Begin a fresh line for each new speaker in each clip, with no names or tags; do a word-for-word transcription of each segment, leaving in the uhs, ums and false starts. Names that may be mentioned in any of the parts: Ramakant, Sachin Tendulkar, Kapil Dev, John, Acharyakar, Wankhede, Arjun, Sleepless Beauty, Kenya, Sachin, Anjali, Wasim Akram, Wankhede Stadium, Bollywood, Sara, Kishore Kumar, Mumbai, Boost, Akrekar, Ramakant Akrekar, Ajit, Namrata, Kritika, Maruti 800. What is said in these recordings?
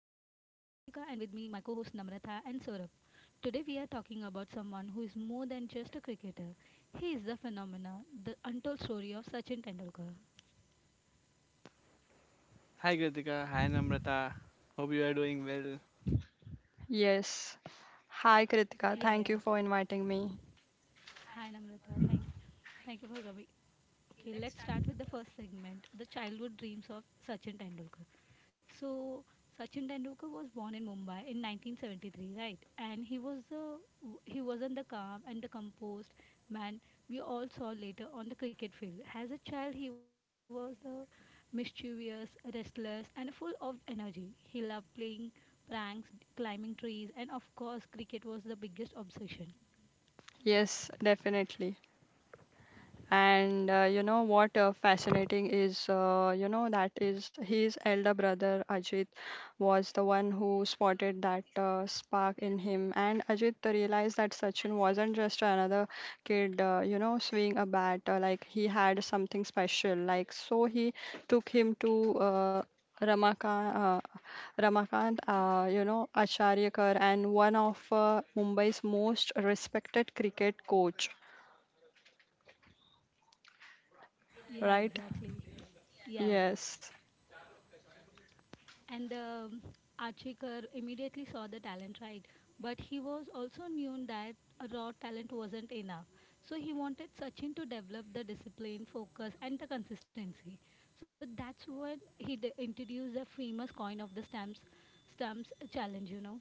Kritika and with me my co-host Namratha and Saurabh. Today we are talking about someone who is more than just a cricketer. He is the phenomena, the untold story of Sachin Tendulkar.
Hi Kritika, hi Namrata. Hope you are doing well.
Yes. Hi, Kritika.
Yeah,
Thank
yeah.
you for inviting me.
Hi Namratha. thank Thank you for coming. Okay, let's start with the first segment, the childhood dreams of Sachin Tendulkar. So, Sachin Tendulkar was born in Mumbai in nineteen seventy-three, right? And he was the he wasn't the calm and the composed man we all saw later on the cricket field. As a child, he was the mischievous, restless, and full of energy. He loved playing pranks, climbing trees, and of course, cricket was the biggest obsession.
Yes, definitely. And uh, you know what uh, fascinating is, uh, you know, that is his elder brother Ajit was the one who spotted that uh, spark in him. And Ajit realized that Sachin wasn't just another kid, uh, you know, swinging a bat. Uh, like he had something special. Like so, he took him to uh, Ramakant, uh, Ramakant, uh, you know, Acharyakar, and one of uh, Mumbai's most respected cricket coach.
Yeah,
Right?
exactly. Yeah, yeah.
Yes.
And um, Achikar immediately saw the talent, right? But he was also knew that a raw talent wasn't enough. So he wanted Sachin to develop the discipline, focus, and the consistency. So that's when he d- introduced the famous coin of the stamps, stamps challenge. You know?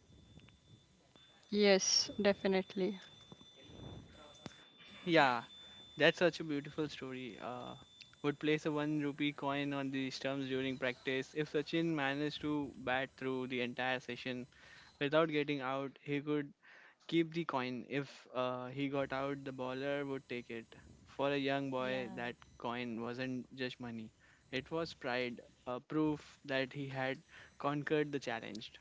Yes, definitely.
Yeah, that's such a beautiful story. Uh, would place a one rupee coin on the stumps during practice. If Sachin managed to bat through the entire session without getting out, he could keep the coin. If uh, he got out, the bowler would take it. For a young boy,
Yeah,
that coin wasn't just money. It was pride, a proof that he had conquered the challenge.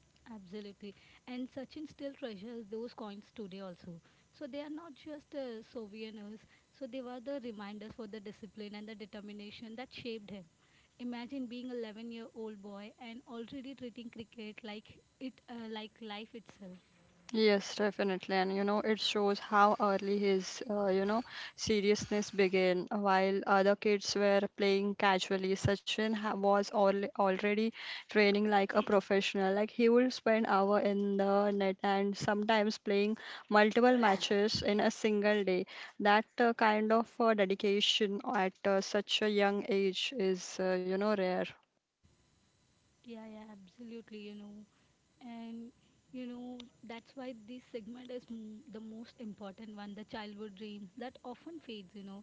absolutely. And Sachin still treasures those coins today also. So they are not just uh, souvenirs, so they were the reminders for the discipline and the determination that shaped him. Imagine being an eleven year old boy and already treating cricket like it uh, like life itself.
Yes, definitely. And you know, it shows how early his, uh, you know, seriousness began. While other kids were playing casually, Sachin ha was al already training like a professional. Like he would spend hour in the net and sometimes playing multiple matches in a single day. That uh, kind of uh, dedication at uh, such a young age is, uh, you know, rare.
Yeah, yeah, absolutely, you know. And you know, that's why this segment is m- the most important one, the childhood dreams that often fades, you know,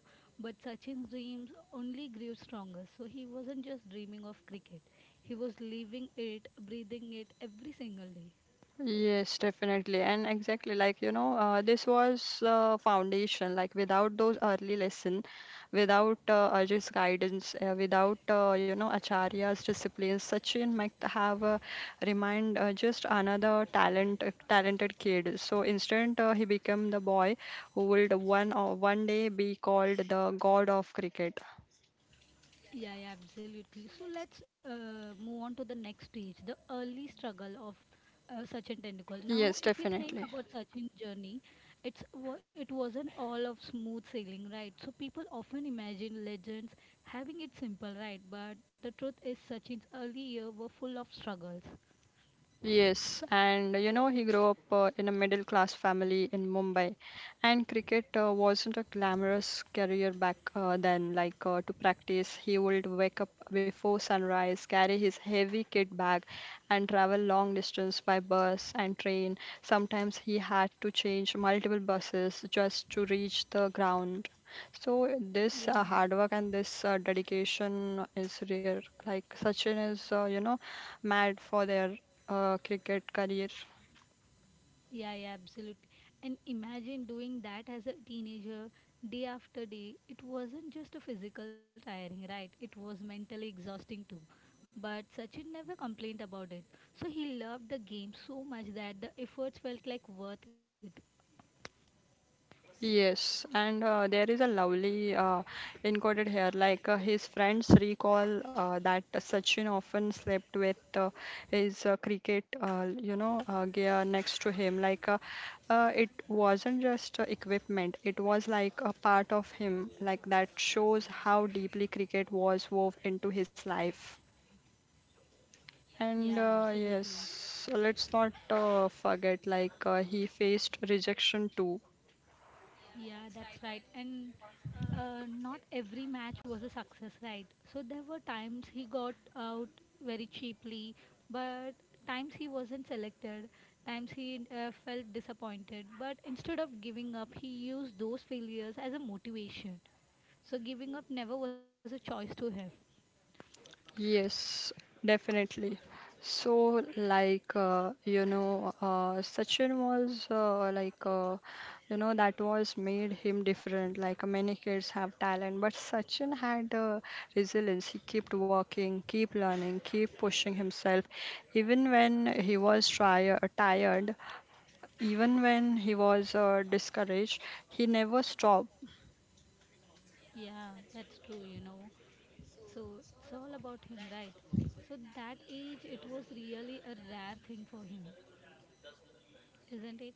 but Sachin's dreams only grew stronger. So he wasn't just dreaming of cricket, he was living it, breathing it every single day.
Yes, definitely. And exactly like, you know, uh, this was uh, foundation. Like without those early lesson, without uh, Ajit's guidance, uh, without, uh, you know, Acharya's discipline, Sachin might have uh, remained uh, just another talent, uh, talented kid. So instead, uh, he became the boy who would one, uh, one day be called the god of cricket.
Yeah, yeah, absolutely. So let's uh, move on to the next stage, the early struggle of uh, Sachin Tendulkar.
Yes,
Now, if we
definitely.
think about Sachin's journey, it's wa- it wasn't all of smooth sailing, right? So people often imagine legends having it simple, right? But the truth is, Sachin's early years were full of struggles.
Yes, and you know, he grew up uh, in a middle class family in Mumbai, and cricket uh, wasn't a glamorous career back uh, then. Like uh, to practice, he would wake up before sunrise, carry his heavy kit bag, and travel long distance by bus and train. Sometimes he had to change multiple buses just to reach the ground. So this uh,
Yeah.
hard work and this uh, dedication is rare. Like Sachin is, uh, you know, mad for their uh, cricket career.
Yeah, yeah, absolutely. And imagine doing that as a teenager day after day. It wasn't just a physical tiring, right? It was mentally exhausting too. But Sachin never complained about it. So he loved the game so much that the efforts felt like worth it.
Yes, and uh, there is a lovely uh, encoded here. Like uh, his friends recall uh, that Sachin often slept with uh, his uh, cricket, uh, you know, uh, gear next to him. Like uh, uh, it wasn't just uh, equipment; it was like a part of him. Like that shows how deeply cricket was wove into his life.
Yeah,
And uh,
absolutely.
yes, let's not uh, forget like uh, he faced rejection too.
Yeah, that's right. And uh, not every match was a success, right? So there were times he got out very cheaply, but times he wasn't selected, times he uh, felt disappointed. But instead of giving up, he used those failures as a motivation. So giving up never was a choice to him.
Yes, definitely. So, like, uh, you know, uh, Sachin was uh, like, uh, you know, that was made him different. Like, many kids have talent, but Sachin had uh, resilience. He kept working, keep learning, keep pushing himself, even when he was try uh, tired, even when he was uh, discouraged. He never stopped.
Yeah, that's true, you know. So it's all about him, right? So that age, it was really a rare thing for him. Isn't it?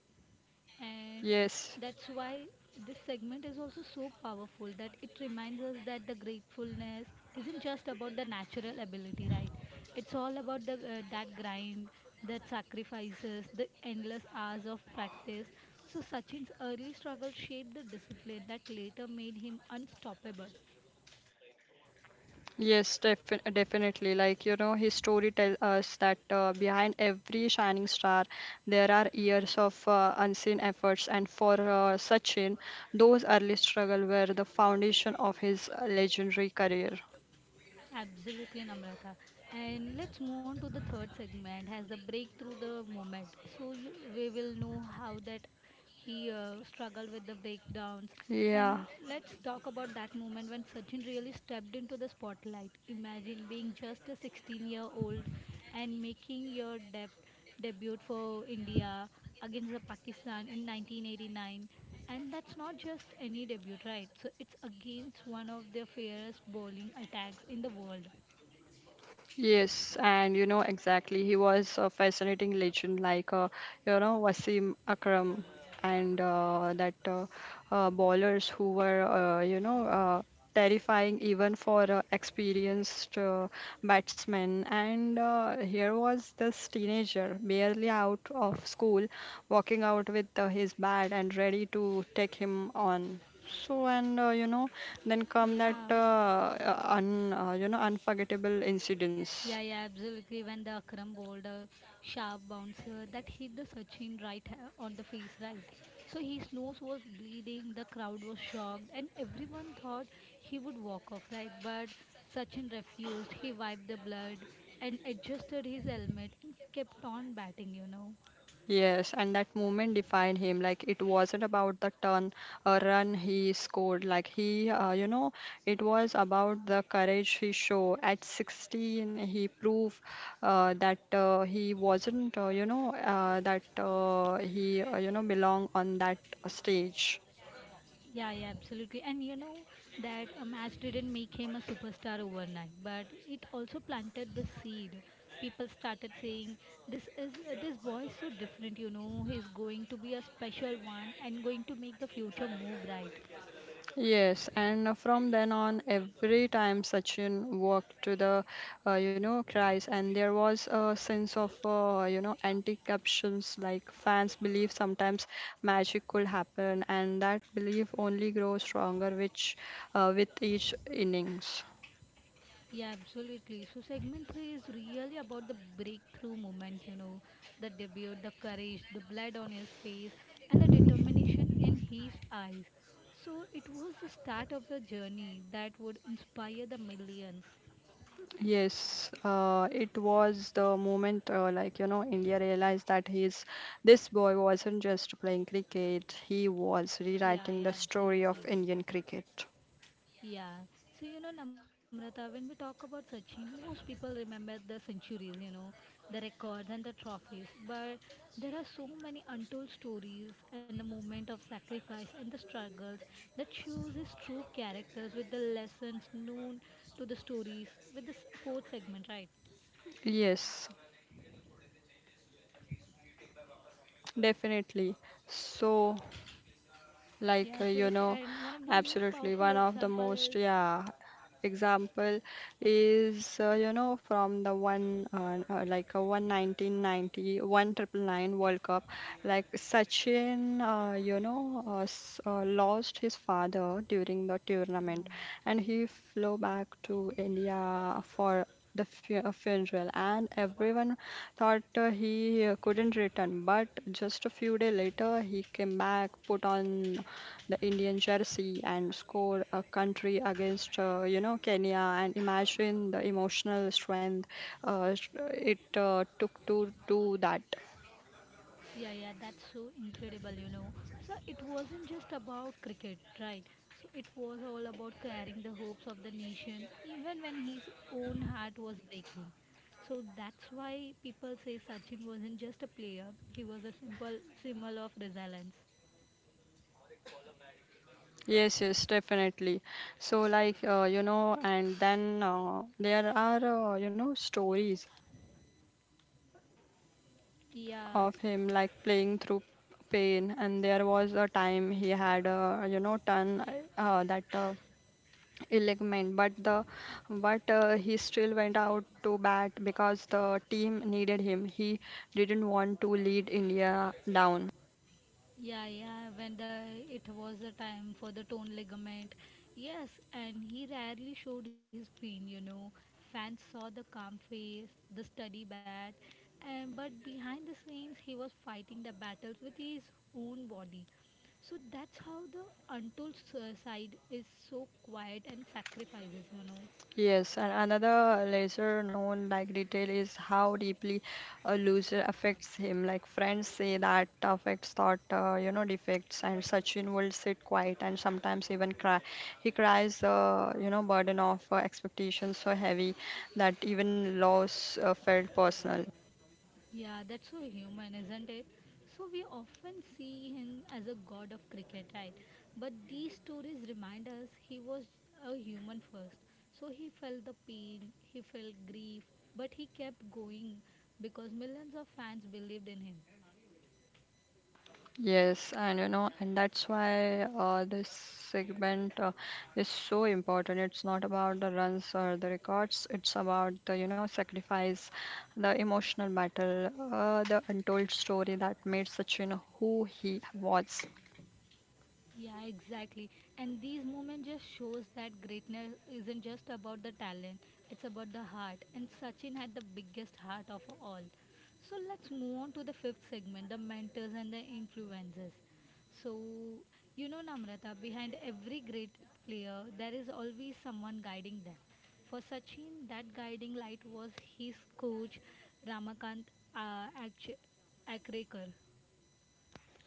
And
Yes.
that's why this segment is also so powerful, that it reminds us that the gratefulness isn't just about the natural ability, right? It's all about the uh, that grind, that sacrifices, the endless hours of practice. So Sachin's early struggle shaped the discipline that later made him unstoppable.
Yes, defi- definitely. Like, you know, his story tells us that uh, behind every shining star, there are years of uh, unseen efforts. And for uh, Sachin, those early struggles were the foundation of his uh, legendary career.
Absolutely, Namrata. And let's move on to the third segment as the breakthrough the moment. So you, we will know how that he uh, struggled with the breakdowns. And
Yeah.
let's talk about that moment when Sachin really stepped into the spotlight. Imagine being just a sixteen year old and making your debut debuted for India against the Pakistan in nineteen eighty-nine, and that's not just any debut, right? So it's against one of their fiercest bowling attacks in the world.
Yes, and you know exactly. He was a fascinating legend, like uh, you know Wasim Akram and uh, that uh, uh, bowlers who were uh, you know uh, terrifying even for uh, experienced uh, batsmen. And uh, here was this teenager, barely out of school, walking out with uh, his bat and ready to take him on. So and uh, you know then come that
Yeah.
uh, uh, un uh, you know unforgettable incidents.
Yeah, yeah, absolutely. When the Akram bowled a sharp bouncer that hit the Sachin right ha- on the face, right? So his nose was bleeding, the crowd was shocked, and everyone thought he would walk off, right? But Sachin refused. He wiped the blood and adjusted his helmet and kept on batting, you know.
Yes, and that moment defined him. Like it wasn't about the turn uh, run he scored. Like he uh, you know it was about the courage he showed. At sixteen, he proved uh, that uh, he wasn't uh, you know uh, that uh, he uh, you know belong on that stage.
Yeah, yeah, absolutely. And you know that a match didn't make him a superstar overnight, but it also planted the seed. People started saying, "This is uh, this boy is so different. You know, he's going to be a special one and going to make the future more bright."
Yes, and from then on, every time Sachin walked to the, uh, you know, cries, and there was a sense of, uh, you know, anti-captions. Like fans believe sometimes magic could happen, and that belief only grows stronger, which, uh, with each innings.
Yeah, absolutely. So segment three is really about the breakthrough moment, you know, the debut, the courage, the blood on his face, and the determination in his eyes. So it was the start of the journey that would inspire the millions.
Yes, uh, it was the moment, uh, like, you know, India realized that he's this boy wasn't just playing cricket; he was
Yeah,
rewriting the
yeah,
story of
absolutely.
Indian cricket.
Yeah. So, you know, Namrata, when we talk about Sachin, most people remember the centuries, you know, the records and the trophies. But there are so many untold stories and the moment of sacrifice and the struggles that shows his true characters with the lessons known to the stories with this fourth segment, right?
Yes, definitely. So, like
Yeah,
uh, you
absolutely.
know
And one of the most
absolutely
powerful
one of the
example
most
is,
yeah example is uh, you know from the one uh, uh, like a one nineteen ninety, one triple nine world cup like sachin uh, you know uh, s- uh, lost his father during the tournament and he flew back to india for the fu- uh, funeral and everyone thought uh, he uh, couldn't return but just a few days later he came back put on the Indian jersey and score a country against, uh, you know, Kenya. And imagine the emotional strength uh, sh- it uh, took to do that.
yeah, yeah, that's so incredible, you know. So it wasn't just about cricket, right? So it was all about carrying the hopes of the nations, even when his own heart was breaking. So that's why people say Sachin wasn't just a player, he was a simple symbol of resilience.
Yes, yes, definitely. So, like, uh, you know, and then uh, there are, uh, you know, stories
Yeah,
of him like playing through pain. And there was a time he had, a, you know, ton uh, that. Uh, Elegment, but the but uh, he still went out to bat because the team needed him. He didn't want to lead India down.
yeah, yeah, when the it was the time for the torn ligament. Yes, and he rarely showed his pain, you know. Fans saw the calm face, the steady bat, and but behind the scenes he was fighting the battles with his own body. So that's how the untold s- side is so quiet and sacrifices, you know.
Yes, and another lesser known like detail is how deeply a loser affects him. Like friends say that affects thought, uh, you know, defects, and Sachin will sit quiet and sometimes even cry. He cries, uh, you know, burden of uh, expectations so heavy that even loss uh, felt personal.
Yeah, that's so human, isn't it? So we often see him as a god of cricket, right? But these stories remind us he was a human first. So he felt the pain, he felt grief, but he kept going because millions of fans believed in him.
Yes, and you know, and that's why uh, this segment uh, is so important. It's not about the runs or the records, it's about the, you know, sacrifice, the emotional battle, uh, the untold story that made Sachin who he was.
Yeah, exactly. And these moments just shows that greatness isn't just about the talent, it's about the heart. And Sachin had the biggest heart of all. So let's move on to the fifth segment, the mentors and the influences. So, you know, Namrata, behind every great player, there is always someone guiding them. For Sachin, that guiding light was his coach, Ramakant uh, Akch- Akrekar.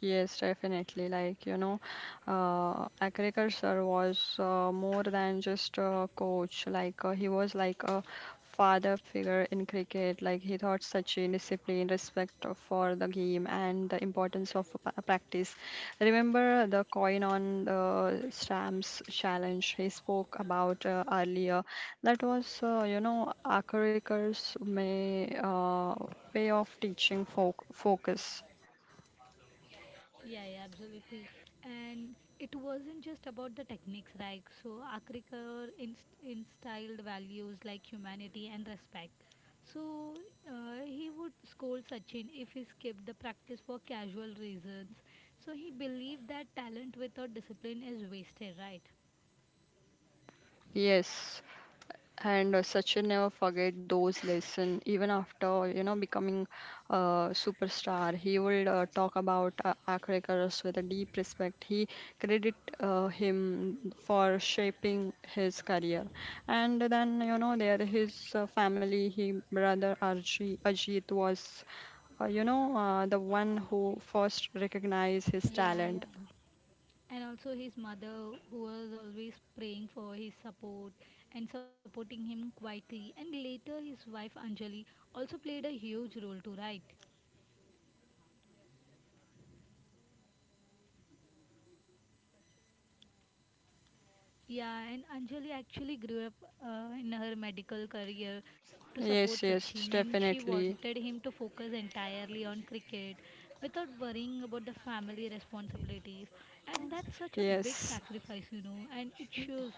Yes, definitely. Like, you know, uh, agriculture was uh, more than just a coach. Like, uh, he was like a father figure in cricket. Like, he taught Sachin discipline, respect of- for the game, and the importance of pa- practice. Remember the coin on the stamps challenge he spoke about uh, earlier? That was, uh, you know, agriculture's may, uh, way of teaching folk focus.
Yeah, yeah, absolutely. And it wasn't just about the techniques, right? So Akrikar inst- instilled values like humanity and respect. So uh, he would scold Sachin if he skipped the practice for casual reasons. So he believed that talent without discipline is wasted, right?
Yes, and uh, Sachin never forget those lessons. Even after you know becoming a superstar, he will uh, talk about uh, Akrekars with a deep respect. He credit uh, him for shaping his career, and then you know there his uh, family, his brother Arji, Ajit was uh, you know, uh, the one who first recognized his
Yeah,
talent.
yeah. And also his mother who was always praying for his support and supporting him quietly, and later his wife Anjali also played a huge role too, right? Yeah, and Anjali actually grew up uh, in her medical career to support
Yes,
Sachin,
yes,
and she
definitely.
wanted him to focus entirely on cricket without worrying about the family responsibilities. And that's such a big
Yes.
sacrifice, you know, and it shows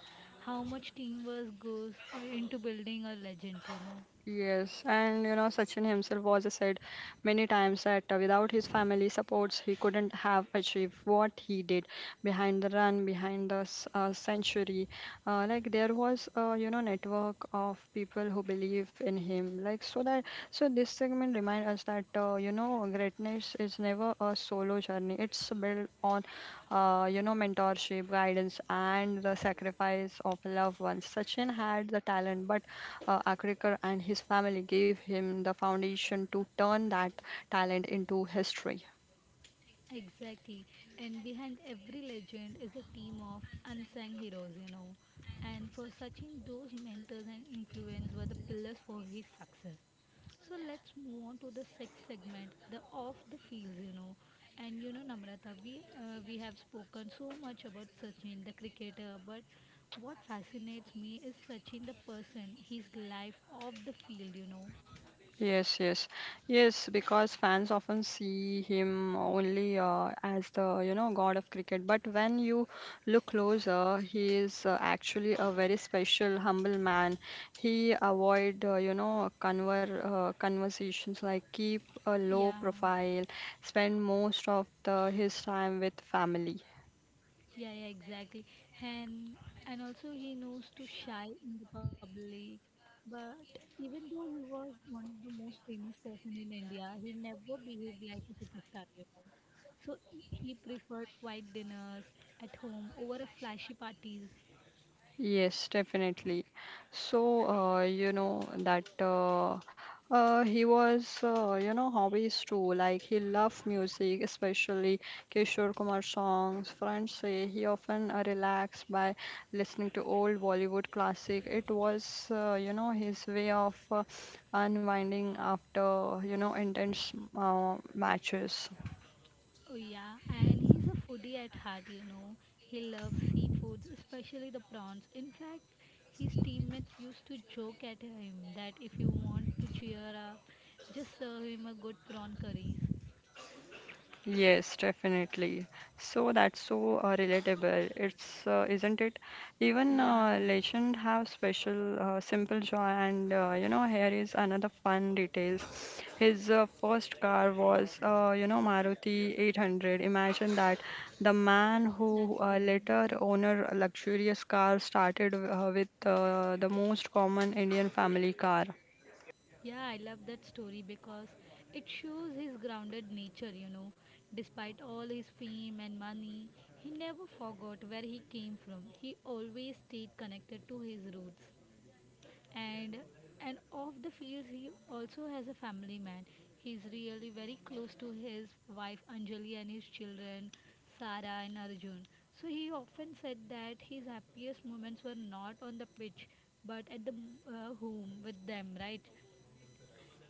how much teamwork goes uh, into building a legend, you know.
Yes, and you know, Sachin himself was uh, said many times that uh, without his family supports, he couldn't have achieved what he did behind the run, behind the s- uh, century. Uh, like there was a you know network of people who believe in him. Like so that so this segment remind us that uh, you know greatness is never a solo journey. It's built on uh, you know mentorship, guidance, and the sacrifice of loved ones. Sachin had the talent, but uh, Akrekar and his family gave him the foundation to turn that talent into history.
Exactly. And behind every legend is a team of unsung heroes, you know. And for Sachin, those mentors and influence were the pillars for his success. So let's move on to the sixth segment, the off the fields, you know. And you know, Namrata, we uh, we have spoken so much about Sachin, the cricketer, but what fascinates me is Sachin, the person, his life off the field, you know.
Yes, yes, yes, because fans often see him only uh, as the, you know, god of cricket. But when you look closer, he is uh, actually a very special, humble man. He avoid, uh, you know, conver uh, conversations like keep a low
Yeah.
profile, spend most of the, his time with family.
Yeah, yeah, exactly. And and also he knows to shy in the public. But even though he was one of the most famous person in India, he never behaved like a superstar, you know. So he preferred quiet dinners at home over a flashy parties.
Yes, definitely. So, uh, you know, that uh, uh, he was, uh, you know, hobbies too. Like, he loved music, especially Kishore Kumar songs. Friends say he often uh, relaxed by listening to old Bollywood classic. It was, uh, you know, his way of uh, unwinding after, you know, intense uh, matches.
Oh yeah, and he's a foodie at heart, you know. He loves seafoods, especially the prawns. In fact, his teammates used to joke at him that if you want to cheer up, just serve him a good prawn curries.
Yes, definitely. So that's so uh, relatable. It's uh, isn't it? Even
Yeah,
uh, legend have special uh, simple joy, and uh, you know here is another fun details. His uh, first car was uh, you know Maruti eight hundred. Imagine that the man who
that's
uh,
weird.
later owner a luxurious car started uh, with uh, the most common Indian family car.
Yeah, I love that story because it shows his grounded nature, you know. Despite all his fame and money, he never forgot where he came from. He always stayed connected to his roots. and and off the field he also has a family man. He's really very close to his wife Anjali and his children Sara and Arjun. So he often said that his happiest moments were not on the pitch, but at the uh, home with them, right?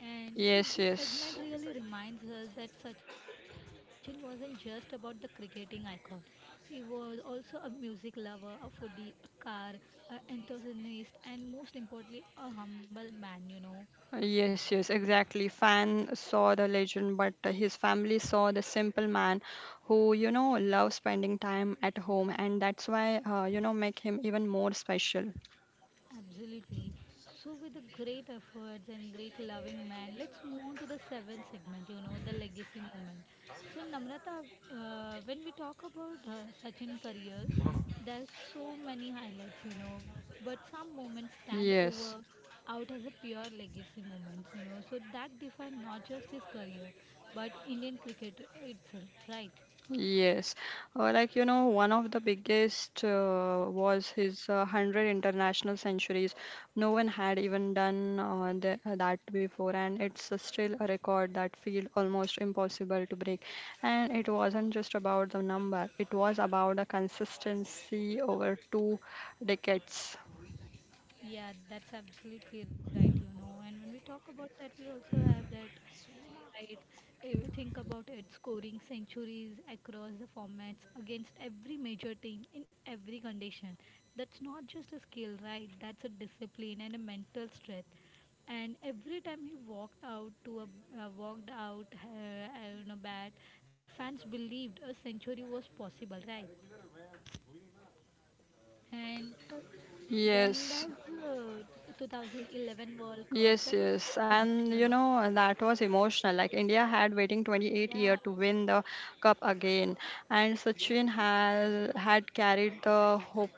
And so
Yes,
this segment
yes.
really reminds us that Sachin wasn't just about the cricketing icon. He was also a music lover, a foodie, a car, a enthusiast, and most importantly, a humble man, you know.
Yes, yes, exactly. Fan saw the legend, but uh, his family saw the simple man who, you know, loves spending time at home, and that's why, uh, you know, make him even more special.
Absolutely. So, with the great efforts and great loving man, let's move on to the seventh segment, you know, the legacy moment. So, Namrata, uh, when we talk about uh, Sachin careers, there's so many highlights, you know, but some moments stand
Yes.
over out as a pure legacy moments, you know, so that define not just his career, but Indian cricket itself, right?
Yes, uh, like you know, one of the biggest uh, was his uh, one hundred international centuries. No one had even done uh, the, uh, that before, and it's uh, still a record that feels almost impossible to break. And it wasn't just about the number, it was about the consistency over two decades.
Yeah, that's absolutely right, you know. And when we talk about that, we also have that, right? eh, Think about it, scoring centuries across the formats against every major team in every condition. That's not just a skill, right? That's a discipline and a mental strength. And every time he walked out to a uh, walked out uh, on a bat, fans believed a century was possible, right? And then
Yes.
there's the twenty eleven World Cup.
Yes,
That was so
yes. And
emotional,
you
you know.
know, that was emotional. Like India had waiting twenty-eight
Yeah,
year to win the cup again. And Sachin has had carried the hope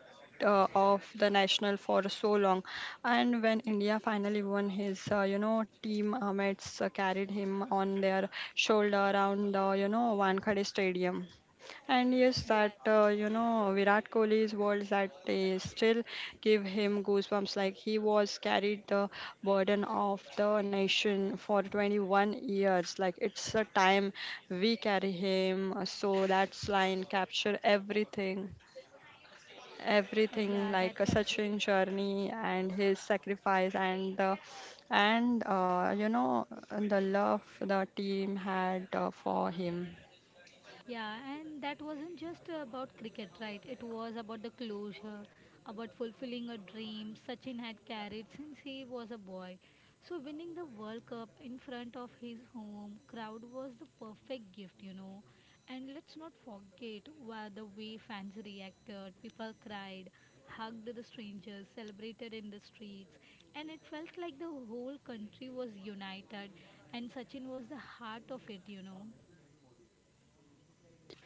uh, of the national for so long. And when India finally won his, uh, you know, team uh, mates uh, carried him on their shoulder around the, you know, Wankhede Stadium. And yes, that
yeah,
uh, you know Virat Kohli's words that they still give him goosebumps. Like he was carried the burden of the nation for twenty-one years. Like it's a time we carry him. So that's line capture everything,
uh, yeah.
everything
That's
like uh,
absolutely.
Sachin journey and his sacrifice and the and uh, you know the love the team had uh, for him.
Yeah, and that wasn't just about cricket, right? It was about the closure, about fulfilling a dream Sachin had carried since he was a boy. So, winning the World Cup in front of his home crowd was the perfect gift, you know. And let's not forget wha- the way fans reacted. People cried, hugged the strangers, celebrated in the streets, and it felt like the whole country was united, and Sachin was the heart of it, you know.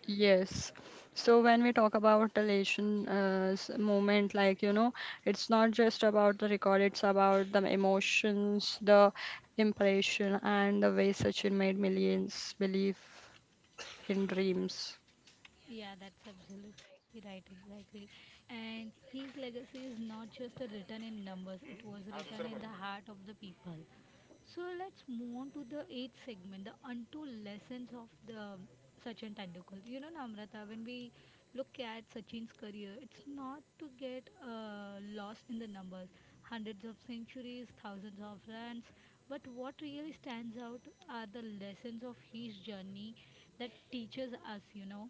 Yes. So when we talk about elation uh, s- moment, like, you know, it's not just about the record, it's about the emotions, the impression, and the way Sachin made millions believe in dreams.
Yeah, that's absolutely right, exactly. And his legacy is not just written in numbers, it was written in the heart of the people. So let's move on to the eighth segment, the untold lessons of the Sachin Tendulkar. You know, Namrata, when we look at Sachin's career, it's not to get uh, lost in the numbers, hundreds of centuries, thousands of runs. But what really stands out are the lessons of his journey that teaches us, you know.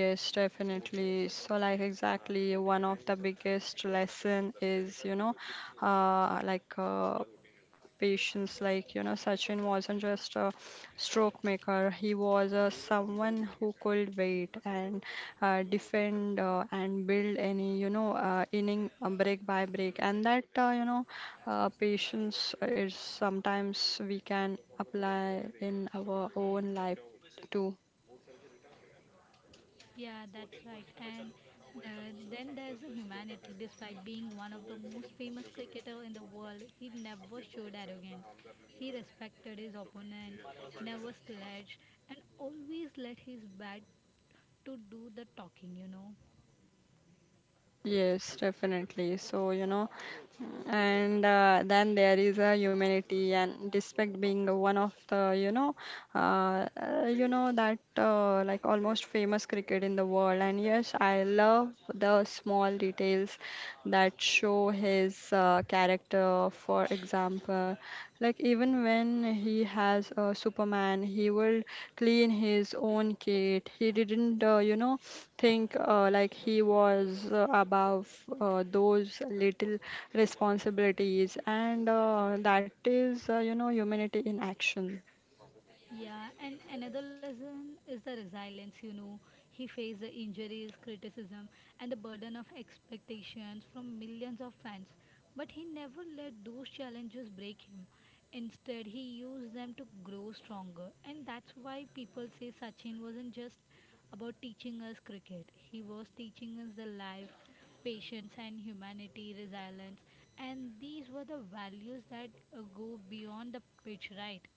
Yes, definitely. So, like, exactly, one of the biggest lesson is, you know, uh, like uh, patience. Like, you know, Sachin wasn't just a stroke maker, he was a someone who could wait and uh, defend uh, and build any, you know, uh, inning uh, break by break. And that, uh, you know, uh, patience is sometimes we can apply in our own life too.
Yeah, that's right. And uh, then there's a humanity. Despite being one of the most famous cricketer in the world, he never showed arrogance. He respected his opponents, never slouched, and always let his bat to do the talking. You know.
Yes, definitely. So, you know, and uh, then there is a humanity and respect, being one of the you know uh, uh, you know that uh, like almost famous cricket in the world. And yes, I love the small details that show his uh, character. For example, like even when he has uh, superman, he will clean his own kit. He didn't uh, you know think uh, like he was uh, above uh, those little responsibilities. And uh, that is uh, you know humanity in action.
Yeah, and another lesson is the resilience. You know, he faced the injuries, criticism, and the burden of expectations from millions of fans. But he never let those challenges break him. Instead, he used them to grow stronger. And that's why people say Sachin wasn't just about teaching us cricket, he was teaching us the life, patience, and humanity, resilience. And these were the values that uh, go beyond the pitch, right?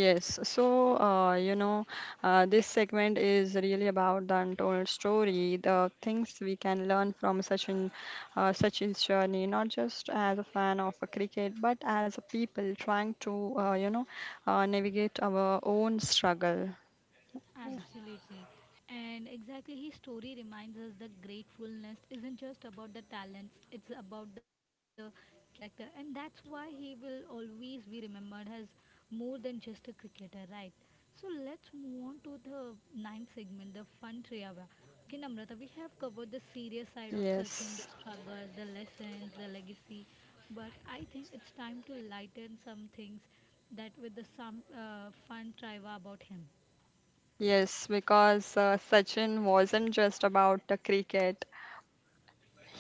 Yes. So uh, you know uh, this segment is really about the untold story, the things we can learn from Sachin uh, Sachin's journey, not just as a fan of a cricket, but as a people trying to uh, you know uh, navigate our own struggle.
Absolutely. And exactly, his story reminds us that gratefulness isn't just about the talents, it's about the character. And that's why he will always be remembered as more than just a cricketer, right? So let's move on to the ninth segment, the fun trivia. Okay, Namrata, we have covered the serious side of Sachin, the
Yes.
struggle, the lessons, the legacy, but I think it's time to lighten some things that with the some uh, fun trivia about him.
Yes, because uh, Sachin wasn't just about the cricket.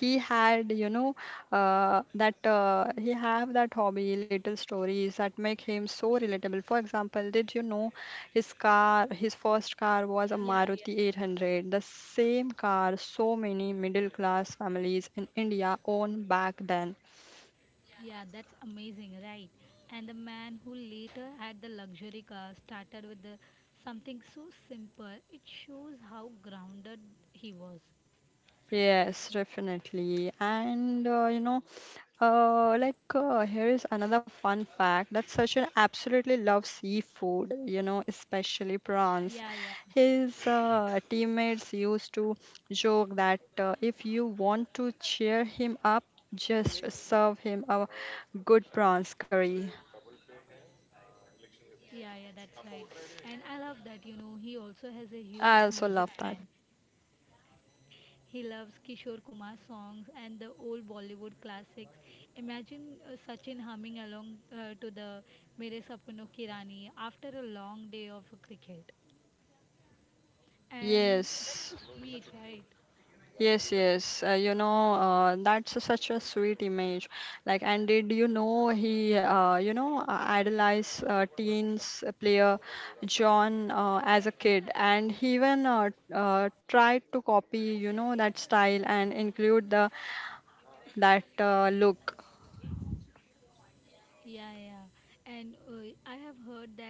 He had, you know, uh, that uh, he have that hobby, little stories that make him so relatable. For example, did you know his car, his first car was a
Yeah, yeah.
Maruti eight hundred, the same car so many middle class families in India own back then.
Yeah, that's amazing, right? And the man who later had the luxury car started with the, something so simple. It shows how grounded he was.
Yes, definitely. And uh, you know, Uh, like uh, here is another fun fact that Sachin absolutely loves seafood, you know, especially
Yeah,
prawns.
yeah,
His uh, teammates used to joke that uh, if you want to cheer him up, just serve him a good prawns curry.
yeah, yeah, that's right. And I love that, you know, he also has a
I
huge
also
music
love that.
fan. He loves Kishore Kumar songs and the old Bollywood classics. Imagine uh, Sachin humming along uh, to the Mere Sapno Ki Rani" after a long day of cricket. And that's
Yes.
so sweet, right?
Yes, yes. Uh, you know, uh, that's a- such a sweet image. Like, and did you know he, uh, you know, uh, idolized uh, teens player John uh, as a kid, and he even uh, uh, tried to copy, you know, that style and include the that uh, look.
Yeah, yeah. And uh, I have heard that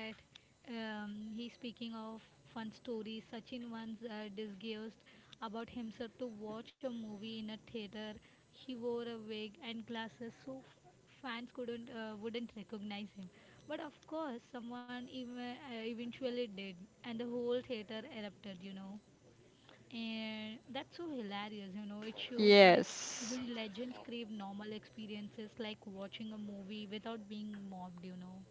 um, he speaking of fun stories. Sachin once uh, discussed about himself to watch a movie in a theater. He wore a wig and glasses, so f- fans couldn't uh, wouldn't recognize him. But of course, someone even, uh, eventually did, and the whole theater erupted. You know. And that's so hilarious, you know. It shows that
Yes.
even legends crave normal experiences like watching a movie without being mobbed, you know.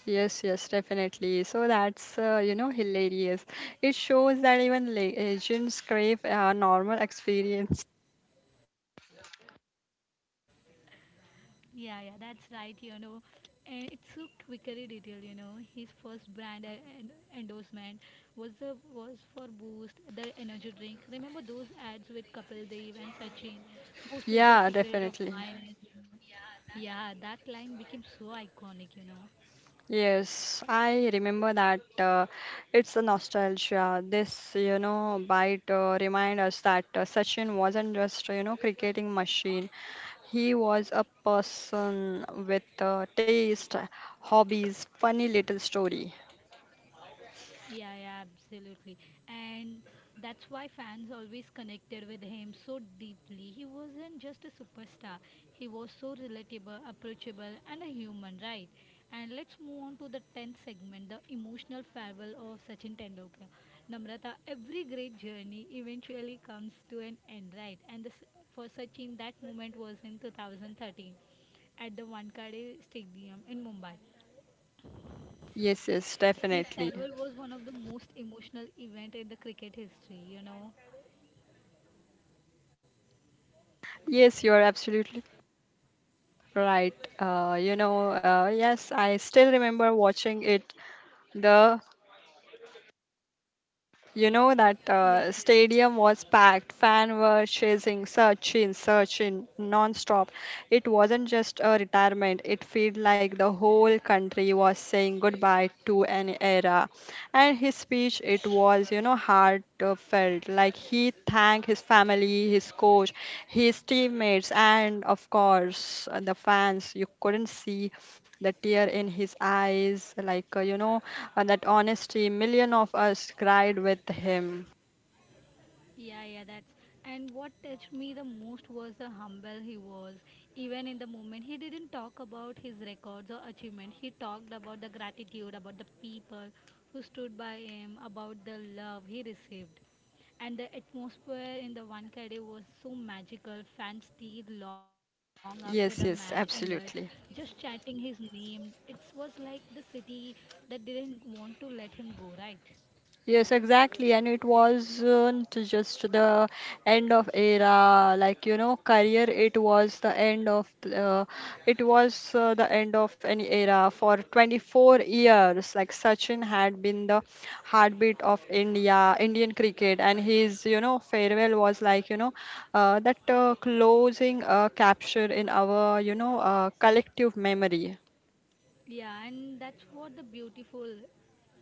Yes, yes, definitely. So that's uh, you know hilarious. It shows that even le- legends crave a normal experience.
Yeah, yeah, that's right, you know. And it's so quickery detail, you know. His first brand uh, en- endorsement was the was for Boost, the energy drink. Remember those ads with Kapil Dev and Sachin? Boost is the
Yeah,
secret of my
definitely.
energy. Yeah, that line became so iconic, you know.
Yes, I remember that. Uh, it's a nostalgia. This, you know, bite uh, remind us that uh, Sachin wasn't just, you know, cricketing machine. He was a person with uh, taste, hobbies, funny little story.
Yeah, yeah, absolutely. And that's why fans always connected with him so deeply. He wasn't just a superstar, he was so relatable, approachable, and a human, right? And let's move on to the tenth segment the emotional farewell of Sachin Tendulkar. Namrata, every great journey eventually comes to an end, right? And this, for Sachin, that moment was in two thousand thirteen at the Wankhede Stadium in Mumbai.
Yes, yes,
His
definitely.
farewell was one of the most emotional event in the cricket history, you know.
Yes, you are absolutely right. Uh, you know, uh, yes, I still remember watching it. The You know That
Yeah, yeah,
uh, stadium was packed. Fans were chasing searching, searching non-stop. It wasn't just a retirement. It felt like the whole country was saying goodbye to an era. And his speech, it was, you know, heartfelt. Like he thanked his family, his coach, his teammates, and of course uh, the fans. You couldn't see the tear in his eyes. Like uh, you know, uh, that honesty, million of us cried with him.
yeah, yeah. That's and what touched me the most was the humble he was. Even in the moment, he didn't talk about his records or achievement. He talked about the gratitude, about the people who stood by him, about the love he received. And the atmosphere in the Wankhede was so magical. Fans stayed long after the match
Yes,
ended,
yes,
just
absolutely.
chanting his name. It was like the city that didn't want to let him go, right?
Yes, exactly. And it wasn't just the end of era, like, you know, career. It was the end of, uh, it was uh, the end of any era for twenty-four years. Like Sachin had been the heartbeat of India, Indian cricket. And his, you know, farewell was like, you know, uh, that uh, closing uh, capture in our, you know, uh, collective memory.
Yeah, and that's what the beautiful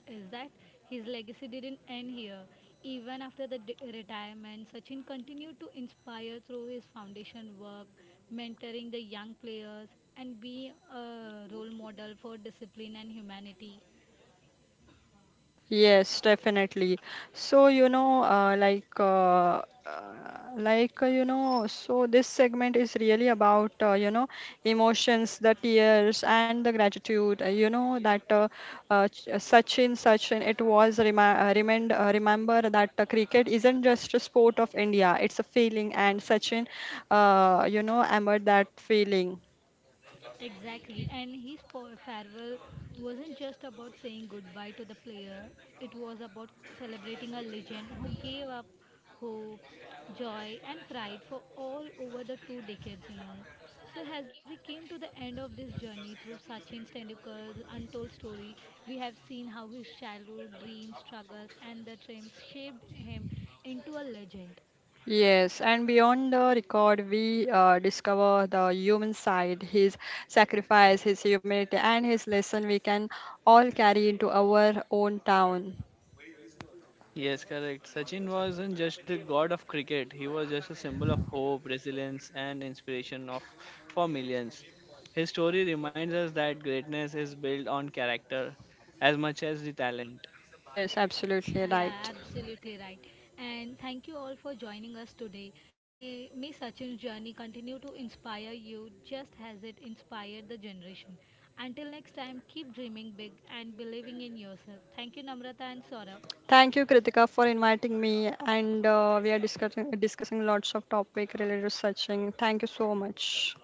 is that his legacy didn't end here. Even after the d- retirement, Sachin continued to inspire through his foundation work, mentoring the young players, and being a role model for discipline and humanity.
Yes, definitely. So, you know, uh, like, uh, uh, like, uh, you know, so this segment is really about, uh, you know, emotions, the tears, and the gratitude. uh, You know, that uh, uh, ch- uh, Sachin, Sachin, it was remi uh, remind, uh, remember that uh, cricket isn't just a sport of India, it's a feeling, and Sachin, uh, you know, emerged that feeling.
Exactly, and his fa- farewell wasn't just about saying goodbye to the player, it was about celebrating a legend who gave up hope, joy, and pride for all over the two decades, you know. So, as we came to the end of this journey through Sachin Tendulkar's untold story, we have seen how his childhood dreams, struggles, and the dreams shaped him into a legend.
Yes, and beyond the record, we uh, discover the human side, his sacrifice, his humility, and his lesson we can all carry into our own town.
Yes, correct. Sachin wasn't just the god of cricket, he was just a symbol of hope, resilience, and inspiration of, for millions. His story reminds us that greatness is built on character as much as the talent.
Yes, absolutely
Yeah,
right.
absolutely right. And thank you all for joining us today. May, may Sachin's journey continue to inspire you just as it inspired the generation. Until next time, keep dreaming big and believing in yourself. Thank you, Namrata and Saurabh.
Thank you, Kritika, for inviting me. And uh, we are discussing discussing lots of topic related to searching. Thank you so much.